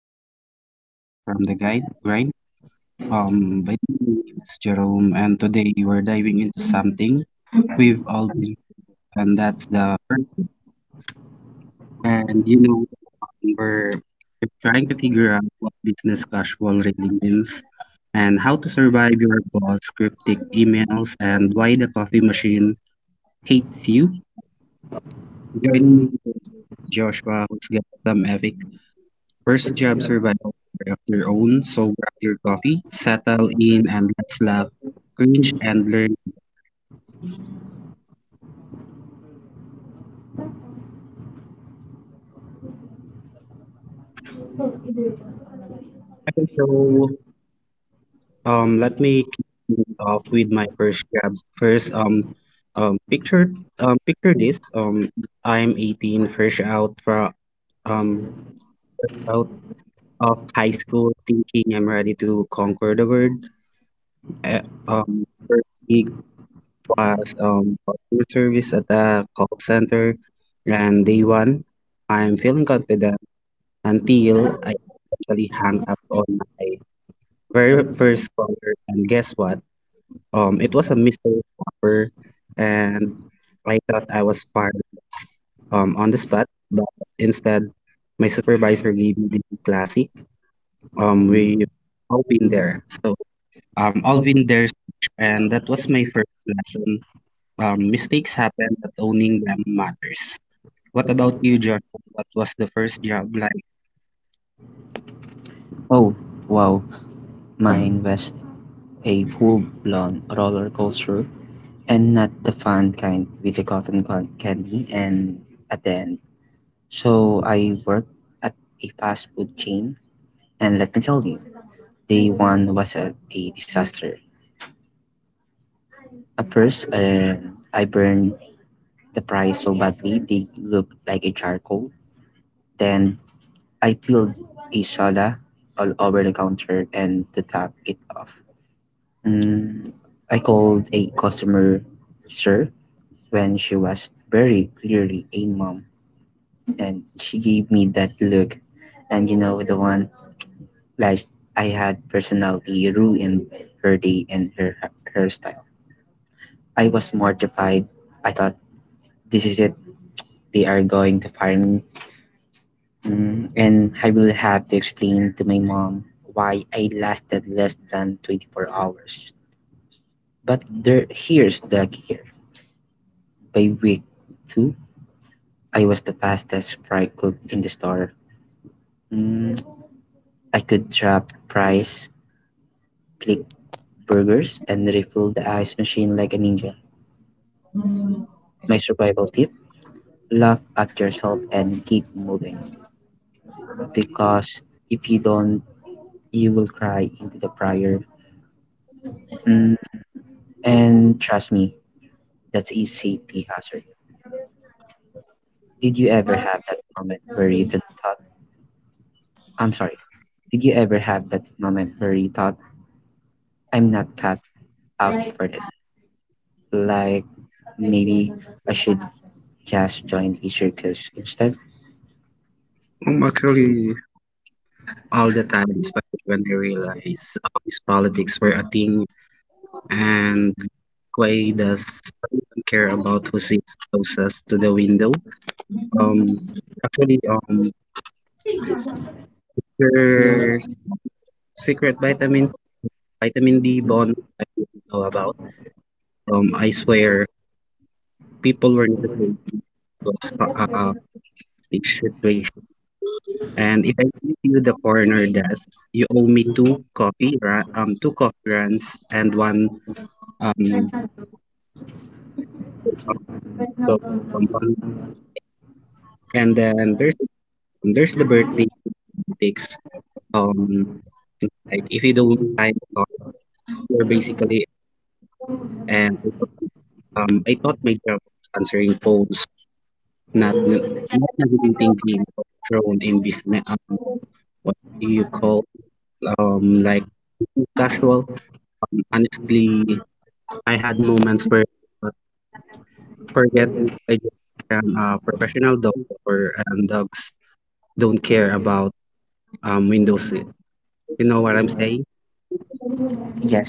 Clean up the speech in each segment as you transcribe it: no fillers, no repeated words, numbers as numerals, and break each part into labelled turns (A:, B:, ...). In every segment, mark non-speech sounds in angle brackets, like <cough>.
A: Survival Mode. Start from the guide grind. By the way, my name is Jerome, and today we're diving into something we've all been, and that's the work. And you know We're trying to figure out what business casual really means and how to survive your boss cryptic emails and why the coffee machine hates you. Joining me today is Joshua, who's got some epic first job survival story of your own, so grab your coffee, settle in and let's laugh, cringe and learn. Okay, so let me kick things off with my first jobs. First picture Picture this. I'm 18, fresh out from um out of high school thinking I'm ready to conquer the world. First gig as customer service at a call center. And day one, I'm feeling confident until I accidentally hung up on my very first caller. And guess what? It was a mystery shopper, and I thought I was fired on the spot, but instead, my supervisor gave me the classic. We've all been there. So, all been there, and that was my first lesson. Mistakes happen, but owning them matters. What about you, John? What was the first job like?
B: Oh, wow, mine was a full blown roller coaster and not the fun kind with the candy and at the end. So I worked at a fast food chain, and let me tell you, day one was a disaster. At first, I burned the fries so badly they looked like a charcoal. Then I peeled a soda all over the counter and to top it off. Mm, I called a customer sir when she was very clearly a mom, and she gave me that look. The one like I had personality ruined her day and her hairstyle. I was mortified. I thought, this is it, they are going to fire me. And I will have to explain to my mom why I lasted less than 24 hours. Here's the kicker. By week two, I was the fastest fry cook in the store. Mm, I could chop, fries, flick burgers, and refill the ice machine like a ninja. My survival tip, laugh at yourself and keep moving. Because if you don't, you will cry into the fryer. Mm, and trust me, that's a safety hazard. Did you ever have that moment where you thought, I'm sorry, did you ever have that moment where you thought, I'm not cut out for this? Like maybe I should just join a circus instead.
A: Actually, all the time, especially when I realized his politics were a thing and Quay does care about who sits closest to the window. Um, actually, um, your secret vitamins, vitamin D bond, I didn't know about. I swear, people were not afraid because it should play. And if I give you the corner desk, you owe me two coffee runs and um, um, so- um, one- and then there's the birthday antics. Um, like if you don't time talk, you're basically and I thought my job was answering phones, not n- not navigating game of thrown in business. What do you call um like casual? Honestly, I had moments where forget if I just am a professional dog or dogs don't care about window seat. You know what I'm saying?
B: Yes.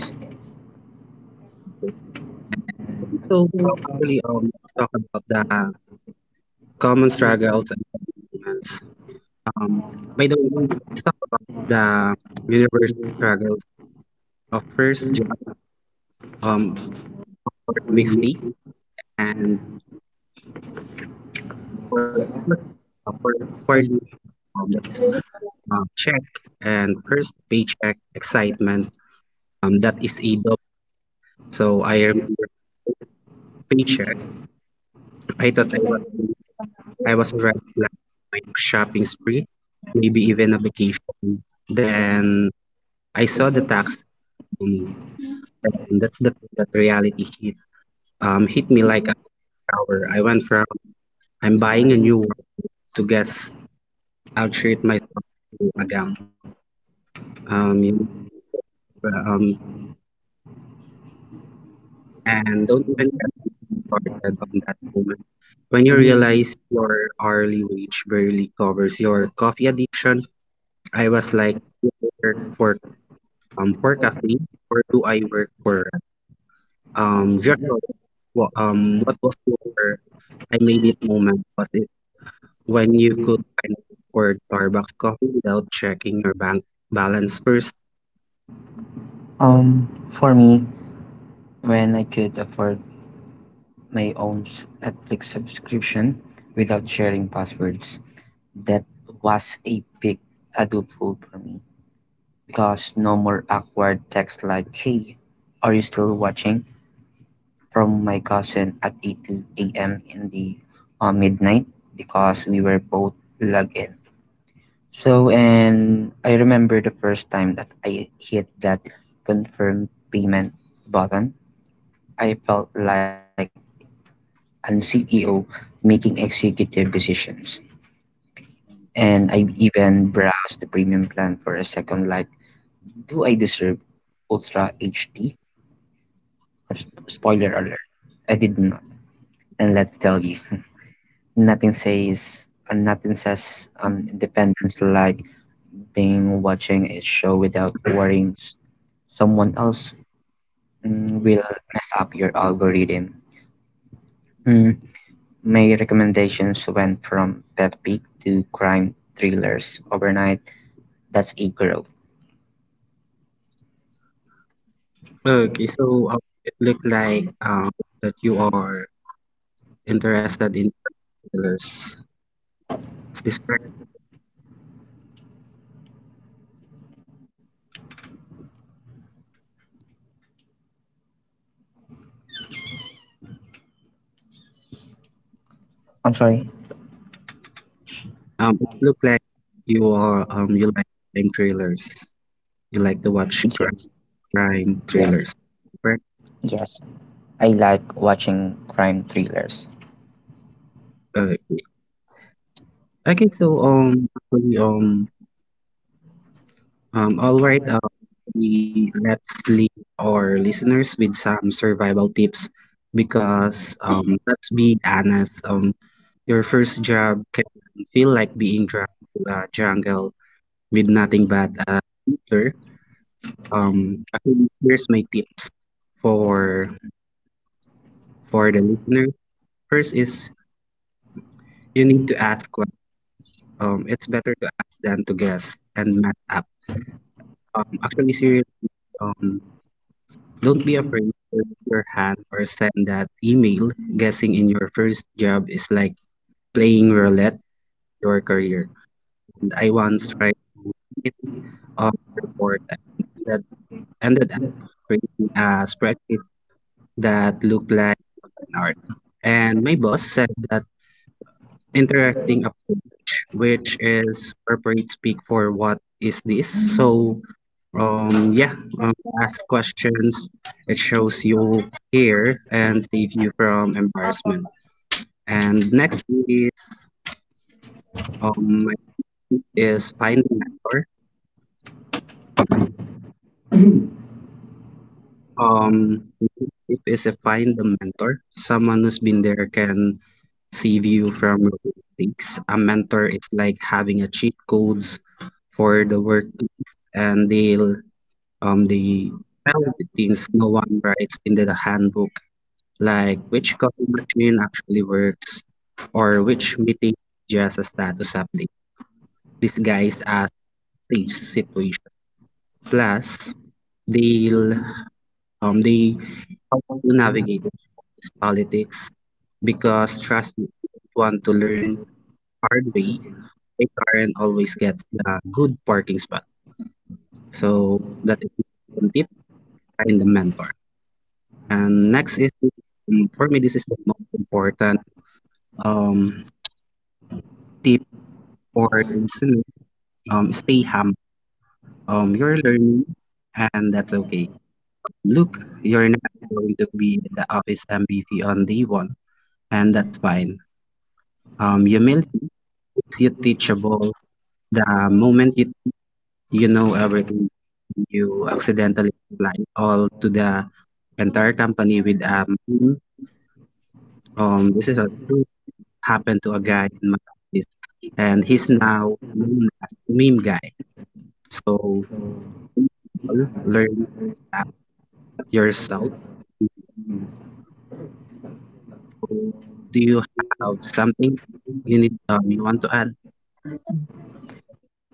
A: So probably let's talk about the common struggles and achievements. Um, by the way, let's talk about the universal struggles of first job um, for mistake and for for for the that's, check and first paycheck excitement. That is a dog. So I remember paycheck. I thought I was, I was already planning my shopping spree, maybe even a vacation. Then I saw the tax, um, and that reality hit, hit me like a shower. I went from I'm buying a new one to guess I'll treat myself to a gown. Um, you know, um, and don't even get started on that moment. When you realize your hourly wage barely covers your coffee addiction, I was like, for for cafe or do I work for Joshua? What was your I made it moment? Was it when you could find for Starbucks coffee without checking your bank balance first?
B: For me, when I could afford my own Netflix subscription without sharing passwords, that was a big adult goal for me. Because no more awkward text like, hey, are you still watching? From my cousin at 8 a.m. in the midnight because we were both logged in. So, and I remember the first time that I hit that confirm payment button, I felt like an CEO making executive decisions. And I even browsed the premium plan for a second, like, do I deserve Ultra HD? Spoiler alert, I did not. And let's tell you, <laughs> nothing says independence like being watching a show without worrying someone else will mess up your algorithm. Mm, my recommendations went from Pepic to crime thrillers overnight. That's a growth.
A: Okay, so it looked like that you are interested in trailers. Is this correct?
B: I'm sorry.
A: It looked like you are you like crime trailers. You like to watch crime
B: Yes,
A: crime
B: yes,
A: trailers, correct?
B: yes. I like watching crime thrillers.
A: Uh, okay, so actually all right, we let's leave our listeners with some survival tips because let's be honest, your first job can feel like being dragged to a jungle with nothing but a computer. Actually, here's my tips for for the listener. First is you need to ask what. It's better to ask than to guess and match up. Seriously, um, don't be afraid to raise your hand or send that email. Guessing in your first job is like playing roulette with your career. And I once tried to hit on a report and that ended up creating a spreadsheet that looked like an art. And my boss said that interesting approach, which is corporate speak for what is this. So yeah, um, ask questions. It shows you care and save you from embarrassment. And next is um is find a mentor. Um, Tip is a find a mentor. Someone who's been there can save you from your mistakes. A mentor is like having a cheat codes for the work, and they tell the things no one writes in the handbook like which coffee machine actually works or which meeting just a status update disguised as stage situation. Plus, they'll they help you navigate this politics because trust me, if you want to learn hard way, a Karen always gets a good parking spot. So that is one tip find the mentor. And next is for me this is the most important um tip for the listener. Stay humble. You're learning, and that's okay. Look, you're not going to be the office MVP on day one, and that's fine. Humility makes you teachable. The moment you know everything, you accidentally apply all to the entire company with this is a true happened to a guy in my office, and he's now known as meme guy. So learn about yourself. Do you have something you want to add?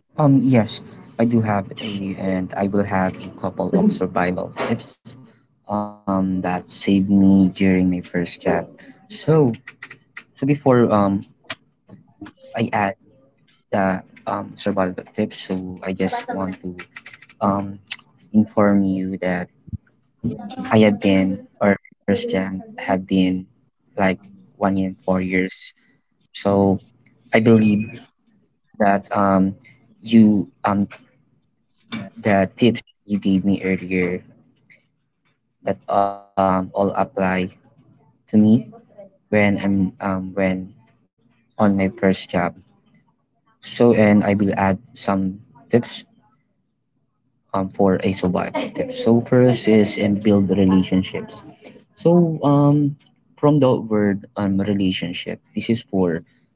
B: Yes, I do have a, and I will have a couple of survival tips, that saved me during my first job. So, so, before I add the survival tips. So I just want to um, inform you that I have been, or my first jam have been like 1 year and 4 years. So I believe that you the tips you gave me earlier that all apply to me when I'm when on my first job. So and I will add some tips for a survive. So first is and build relationships. So from the word relationship, this is for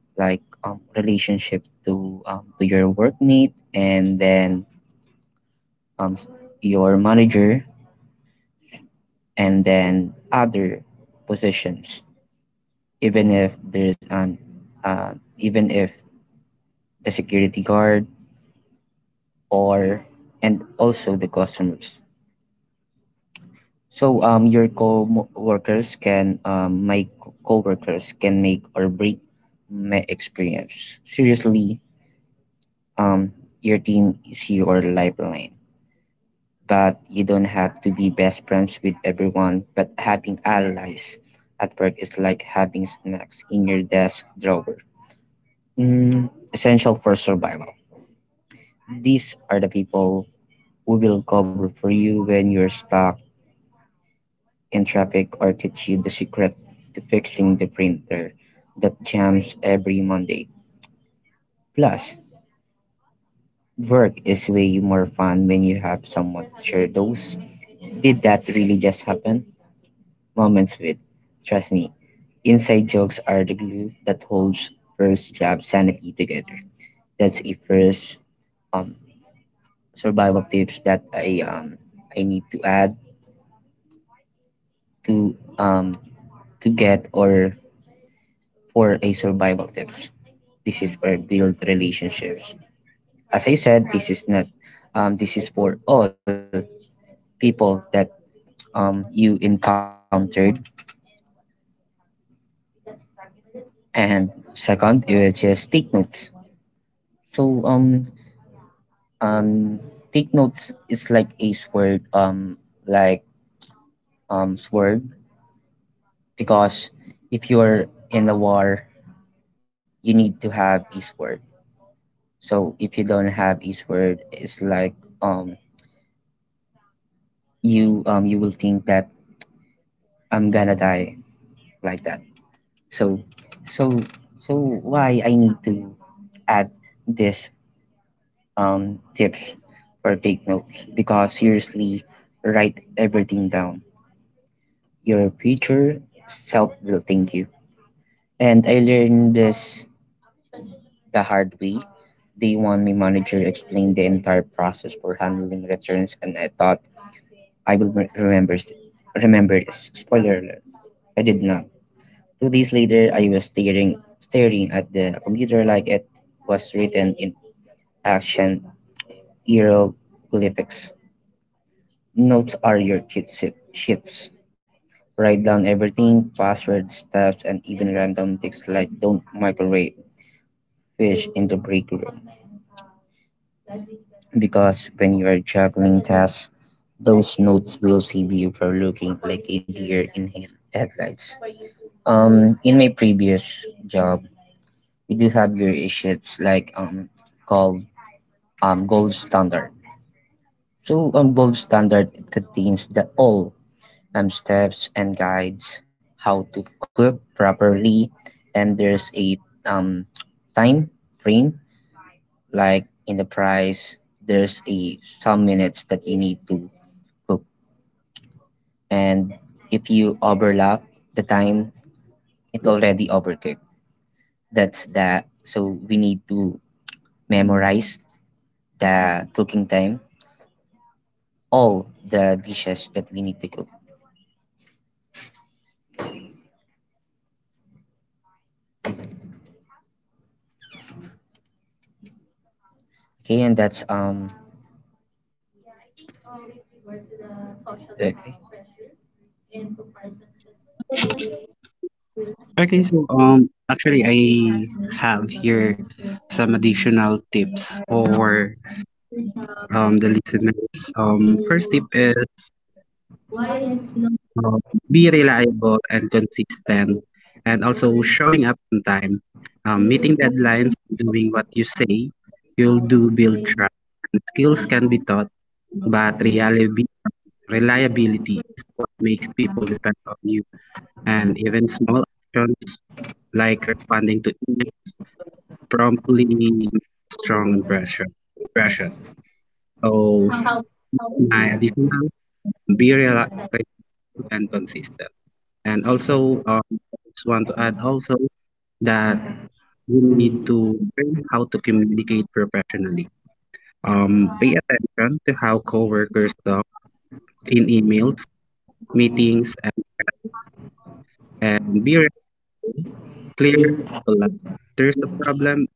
B: like relationship to your workmate and then um, your manager and then other positions. Even if uh, even if the security guard or and also the customers. So your co-workers can my co-workers can make or break my experience. Seriously, um, your team is your lifeline, but you don't have to be best friends with everyone. But having allies at work is like having snacks in your desk drawer. Mm, essential for survival. These are the people who will cover for you when you're stuck in traffic or teach you the secret to fixing the printer that jams every Monday. Plus, work is way more fun when you have someone to share those. Did that really just happen? Moments with. Trust me, inside jokes are the glue that holds first job sanity together. That's a first um, survival tips that I need to add to um, to get or for a survival tips. This is for build relationships. As I said, this is not, this is for all people that you encountered. And second, just take notes. So um, take notes is like a sword, like sword, because if you're in a war, you need to have a sword. So if you don't have a sword, it's like um, you will think that I'm gonna die like that. So, so, so, why I need to add this tips or take notes because seriously, write everything down. Your future self will thank you. And I learned this the hard way. Day one, my manager explained the entire process for handling returns, and I thought I will remember this. Spoiler alert, I did not. 2 days later, I was staring at the computer like it was written in action hieroglyphics. Notes are your cheat sheets. Write down everything, passwords, tabs, and even random texts like don't microwave fish in the break room. Because when you are juggling tasks, those notes will save you for looking like a deer in headlights. In my previous job, we do have your issues like call gold standard. So gold standard contains the all steps and guides how to cook properly, and there's a um, time frame like in the price. There's a some minutes that you need to cook, and if you overlap the time, it already overcooked. That's that. So we need to memorize the cooking time, all the dishes that we need to cook. Okay, and that's. Exactly.
A: Okay, so actually I have here some additional tips for the listeners. First tip is um, be reliable and consistent and also showing up on time. Meeting deadlines, doing what you say, you'll do build trust. And skills can be taught, but reliability is what makes people depend on you. And even small actions like responding to email promptly make strong impression. So my additional be reliable and consistent. And also, I just want to add also that you need to learn how to communicate professionally. Pay attention to how coworkers talk in emails, meetings, and and be re- clear to. There's a problem.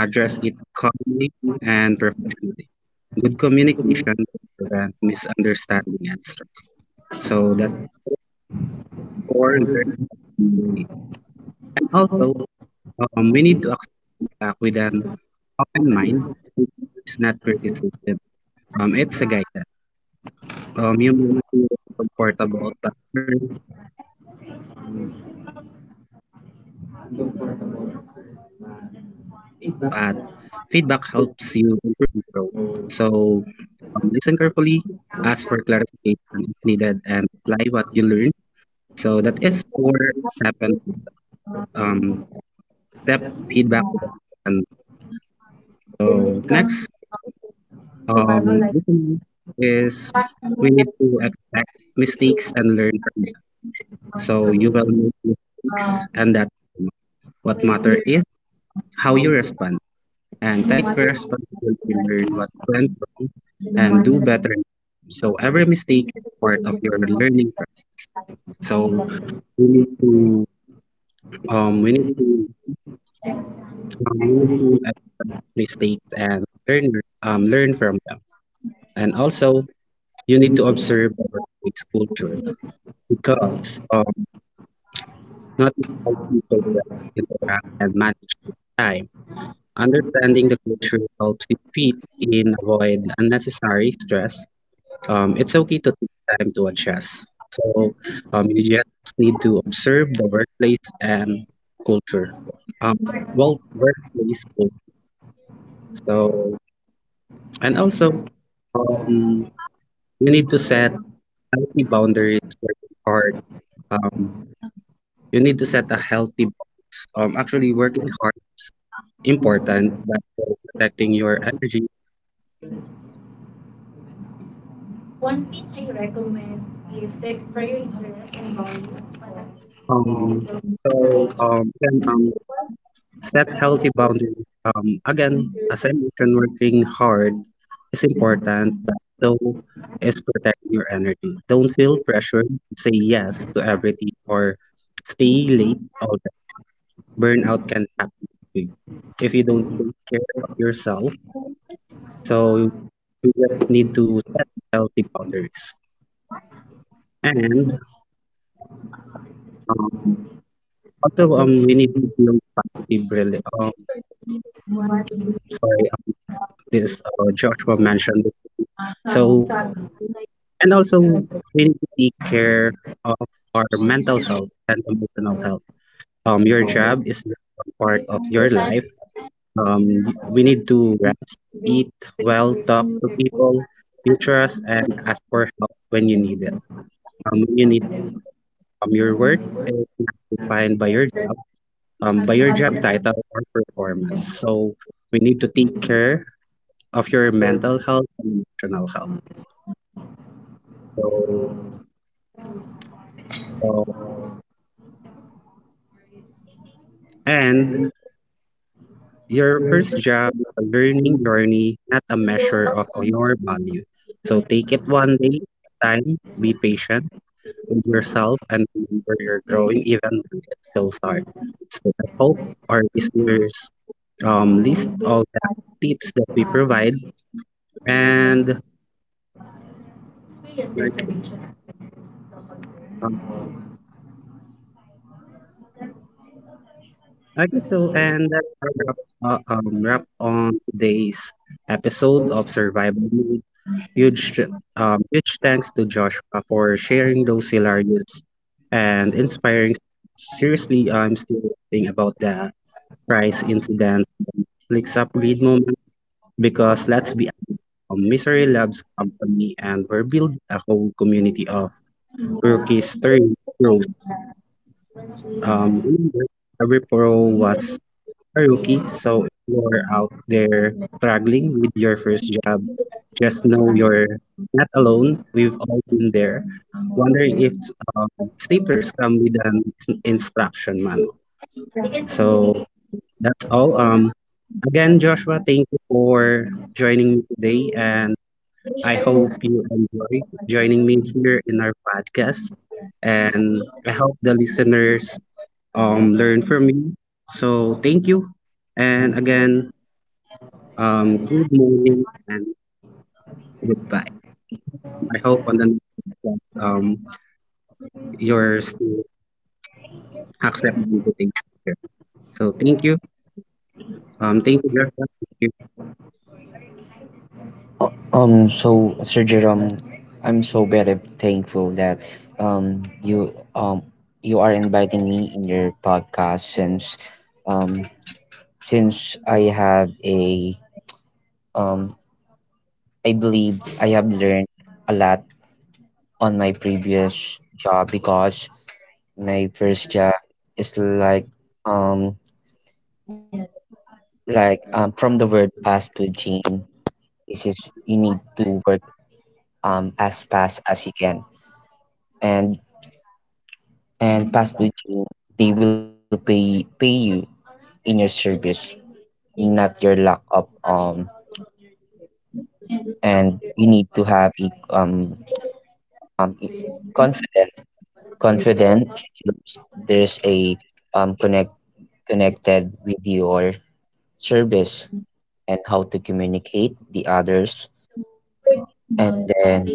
A: Address it calmly and professionally. Good communication will prevent misunderstanding and stress. So that's for learning and communicate. And also, we need to accept that with an open mind. It's not criticism. It's a guidance. You may feel comfortable, but first, um, uncomfortable at first, but feedback helps you improve and grow. So listen carefully, ask for clarification if needed, and apply what you learn. So that is for second um, step feedback. And so next listening is we need to expect mistakes and learn from them. So you will make mistakes, and that what matter is how you respond and take responsibility to learn what went wrong and do better. So every mistake is part of your learning process. So We need to um we need to we need to accept mistakes and learn from them. And also you need to observe our workplace culture because um not all people can interact and manage their time. Understanding the culture helps you fit in, avoid unnecessary stress. It's okay to take time to adjust. So you just need to observe the workplace and culture. Um, well, workplace So, and also, you need to set healthy boundaries, working hard. Um, you need to set a healthy box. Actually, working hard is important, but also protecting your energy. Um, so, then set healthy boundaries. Again, as I mentioned, working hard is important, but so is protecting your energy. Don't feel pressured to say yes to everything or stay late burnout can happen big if you don't take care of yourself. So you just need to set healthy boundaries. And um, also, we need to build sorry, this Joshua mentioned. So, and also, we need to take care of our mental health and emotional health. Your job is not a part of your life. We need to rest, eat well, talk to people, you trust, and ask for help when you need it. Um, when you need it. Your worth is not defined by your job title or performance. So we need to take care of your mental health and emotional health. So, so and your first job, is a learning journey, not a measure of your value. So take it one day at a time. Be patient with yourself and remember you're growing even when it feels hard. So I hope our listeners list all the tips that we provide and like, um, okay, so and that's a wrap, wrap on today's episode of Survival Mode. Huge, huge thanks to Joshua for sharing those hilarious and inspiring. Seriously, I'm still thinking about the price incident, flicks up read moment because let's be Misery Labs company and we're building a whole community of rookies turning pros. Remember, every pro was a rookie, so if you're out there struggling with your first job, just know you're not alone. We've all been there. Wondering if um, staplers come with an instruction manual. So that's all. Again, Joshua, thank you for joining me today and I hope you enjoy joining me here in our podcast, and I hope the listeners learn from me. So thank you, and again, good morning and goodbye. I hope on the next podcast, you're still accepting the invitation here. So thank you, Joshua. Thank you.
B: So, Sir Jerome, I'm so very thankful that um you um you are inviting me in your podcast um since I have a um I believe I have learned a lot on my previous job because my first job is like um from the word fast food chain, this is you need to work as fast as you can. And And possibly, Jane, they will pay you in your service, not your lack of. And you need to have a um confident confident skills. There's a um connect connected with your service and how to communicate the others. And then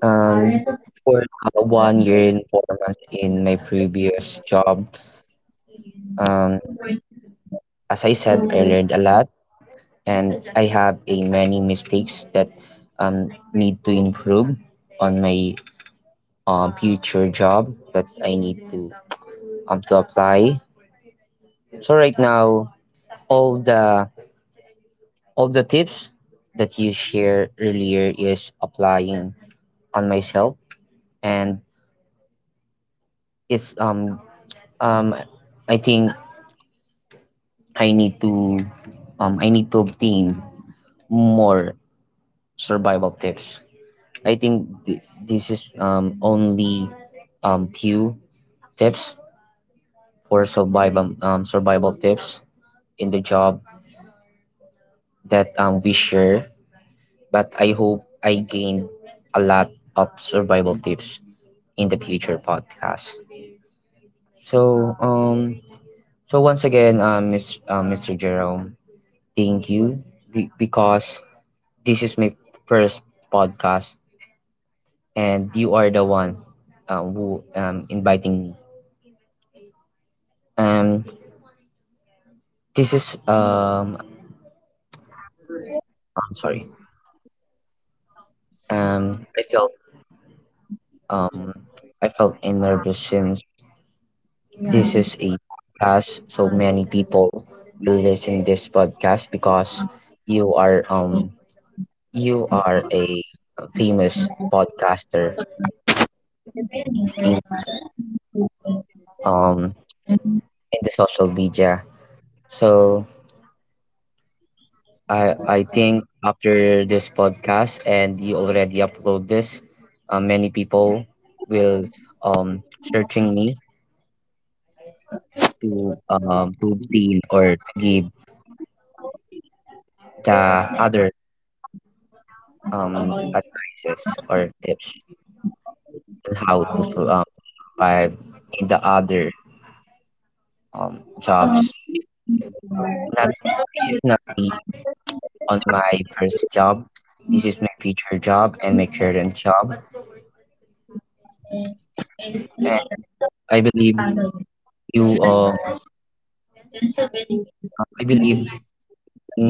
B: um for the 1 year and 4 months in my previous job, um as I said, I learned a lot and I have a many mistakes that need to improve on my future job that I need to apply. So right now, all the all the tips that you share earlier is applying on myself, and it's um I think I need to I need to obtain more survival tips. I think this is only few tips for survival tips in the job that we share. But I hope I gained a lot of survival tips in the future podcast. So um so once again Mr. Mr. Jerome, thank you because this is my first podcast and you are the one who inviting me. Um This is I'm sorry. Um I felt um I felt nervous since this is a podcast, so many people will listen this podcast because you are um you are a famous podcaster in the um in the social media. So I think after this podcast and you already upload this, many people will searching me to obtain or to give the other advices or tips on how to to survive in the other jobs. Not this is not a on my first job. This is my future job and my current job. Mhm. And I believe you um I believe you gain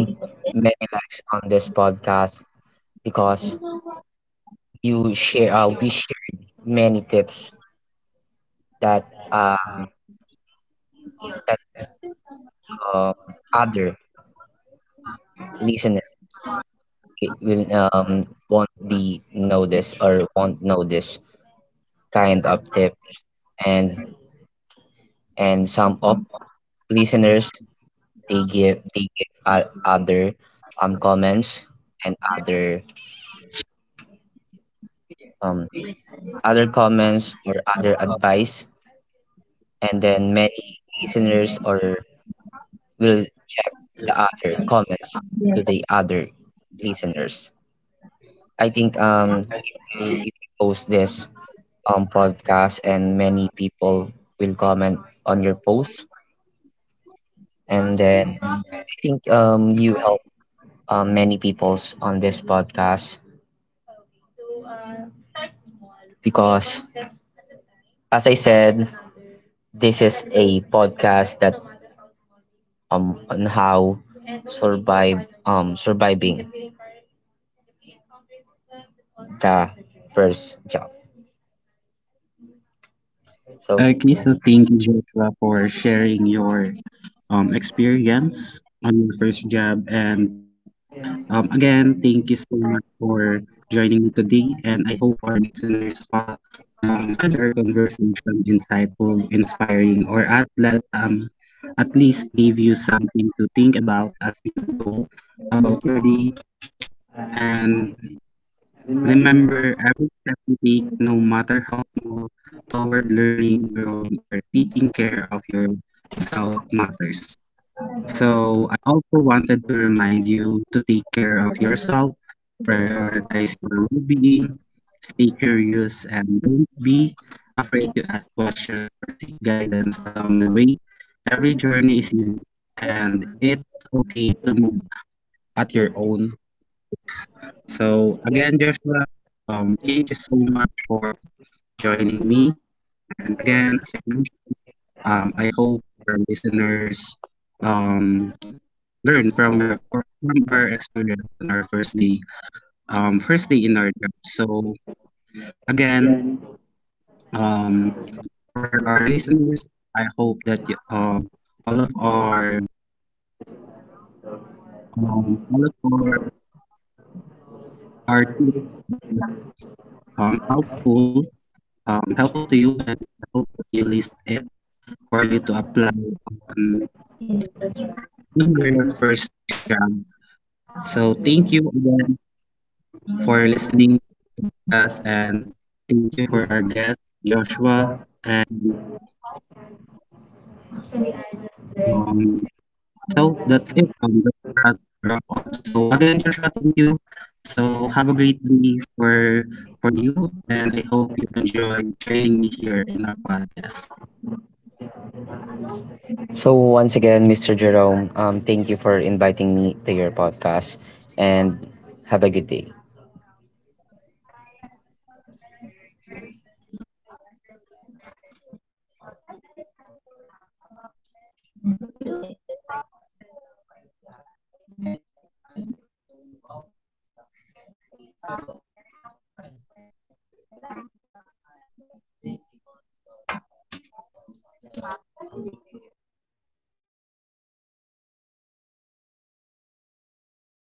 B: many likes on this podcast because you share we shared many tips that um that other listeners we will won't be know this or won't know this kind of tips and and some of listeners they give other comments and other um comments or other advice and then many listeners or will check the other comments to the other listeners. I think if you post this podcast and many people will comment on your post and then I think you help many peoples on this podcast because as I said this is a podcast that on how survive surviving the first job. So
A: Okay, so thank you, Joshua, for sharing your experience on your first job and. Again, thank you so much for joining me today, and I hope our listeners find our conversation insightful, inspiring, or at at least give you something to think about as you go about your day. And remember, every step you take, no matter how small, toward learning, growing, or taking care of yourself matters. So I also wanted to remind you to take care of yourself prioritize your well-being, stay curious, and don't be afraid to ask questions or seek guidance along the way. Every journey is unique, and it's okay to move at your own. So again, Joshua, thank you so much for joining me. And again, as I mentioned, I hope our listeners um learn from your or from our experience on our first day in our job so again. Um, for our listeners, I hope that all of our um, all of our tips were um, helpful helpful to you, and I hope that you list it for you to apply on your first job. So thank you again for listening to us, and thank you for our guest Joshua and. Um, So that's it. Let's wrap wrap up. So again, Joshua, thank you. So have a great day for you, and I hope you enjoy joining me here in our podcast.
B: So, once again, Mr. Jerome, thank you for inviting me to your podcast and have a good day.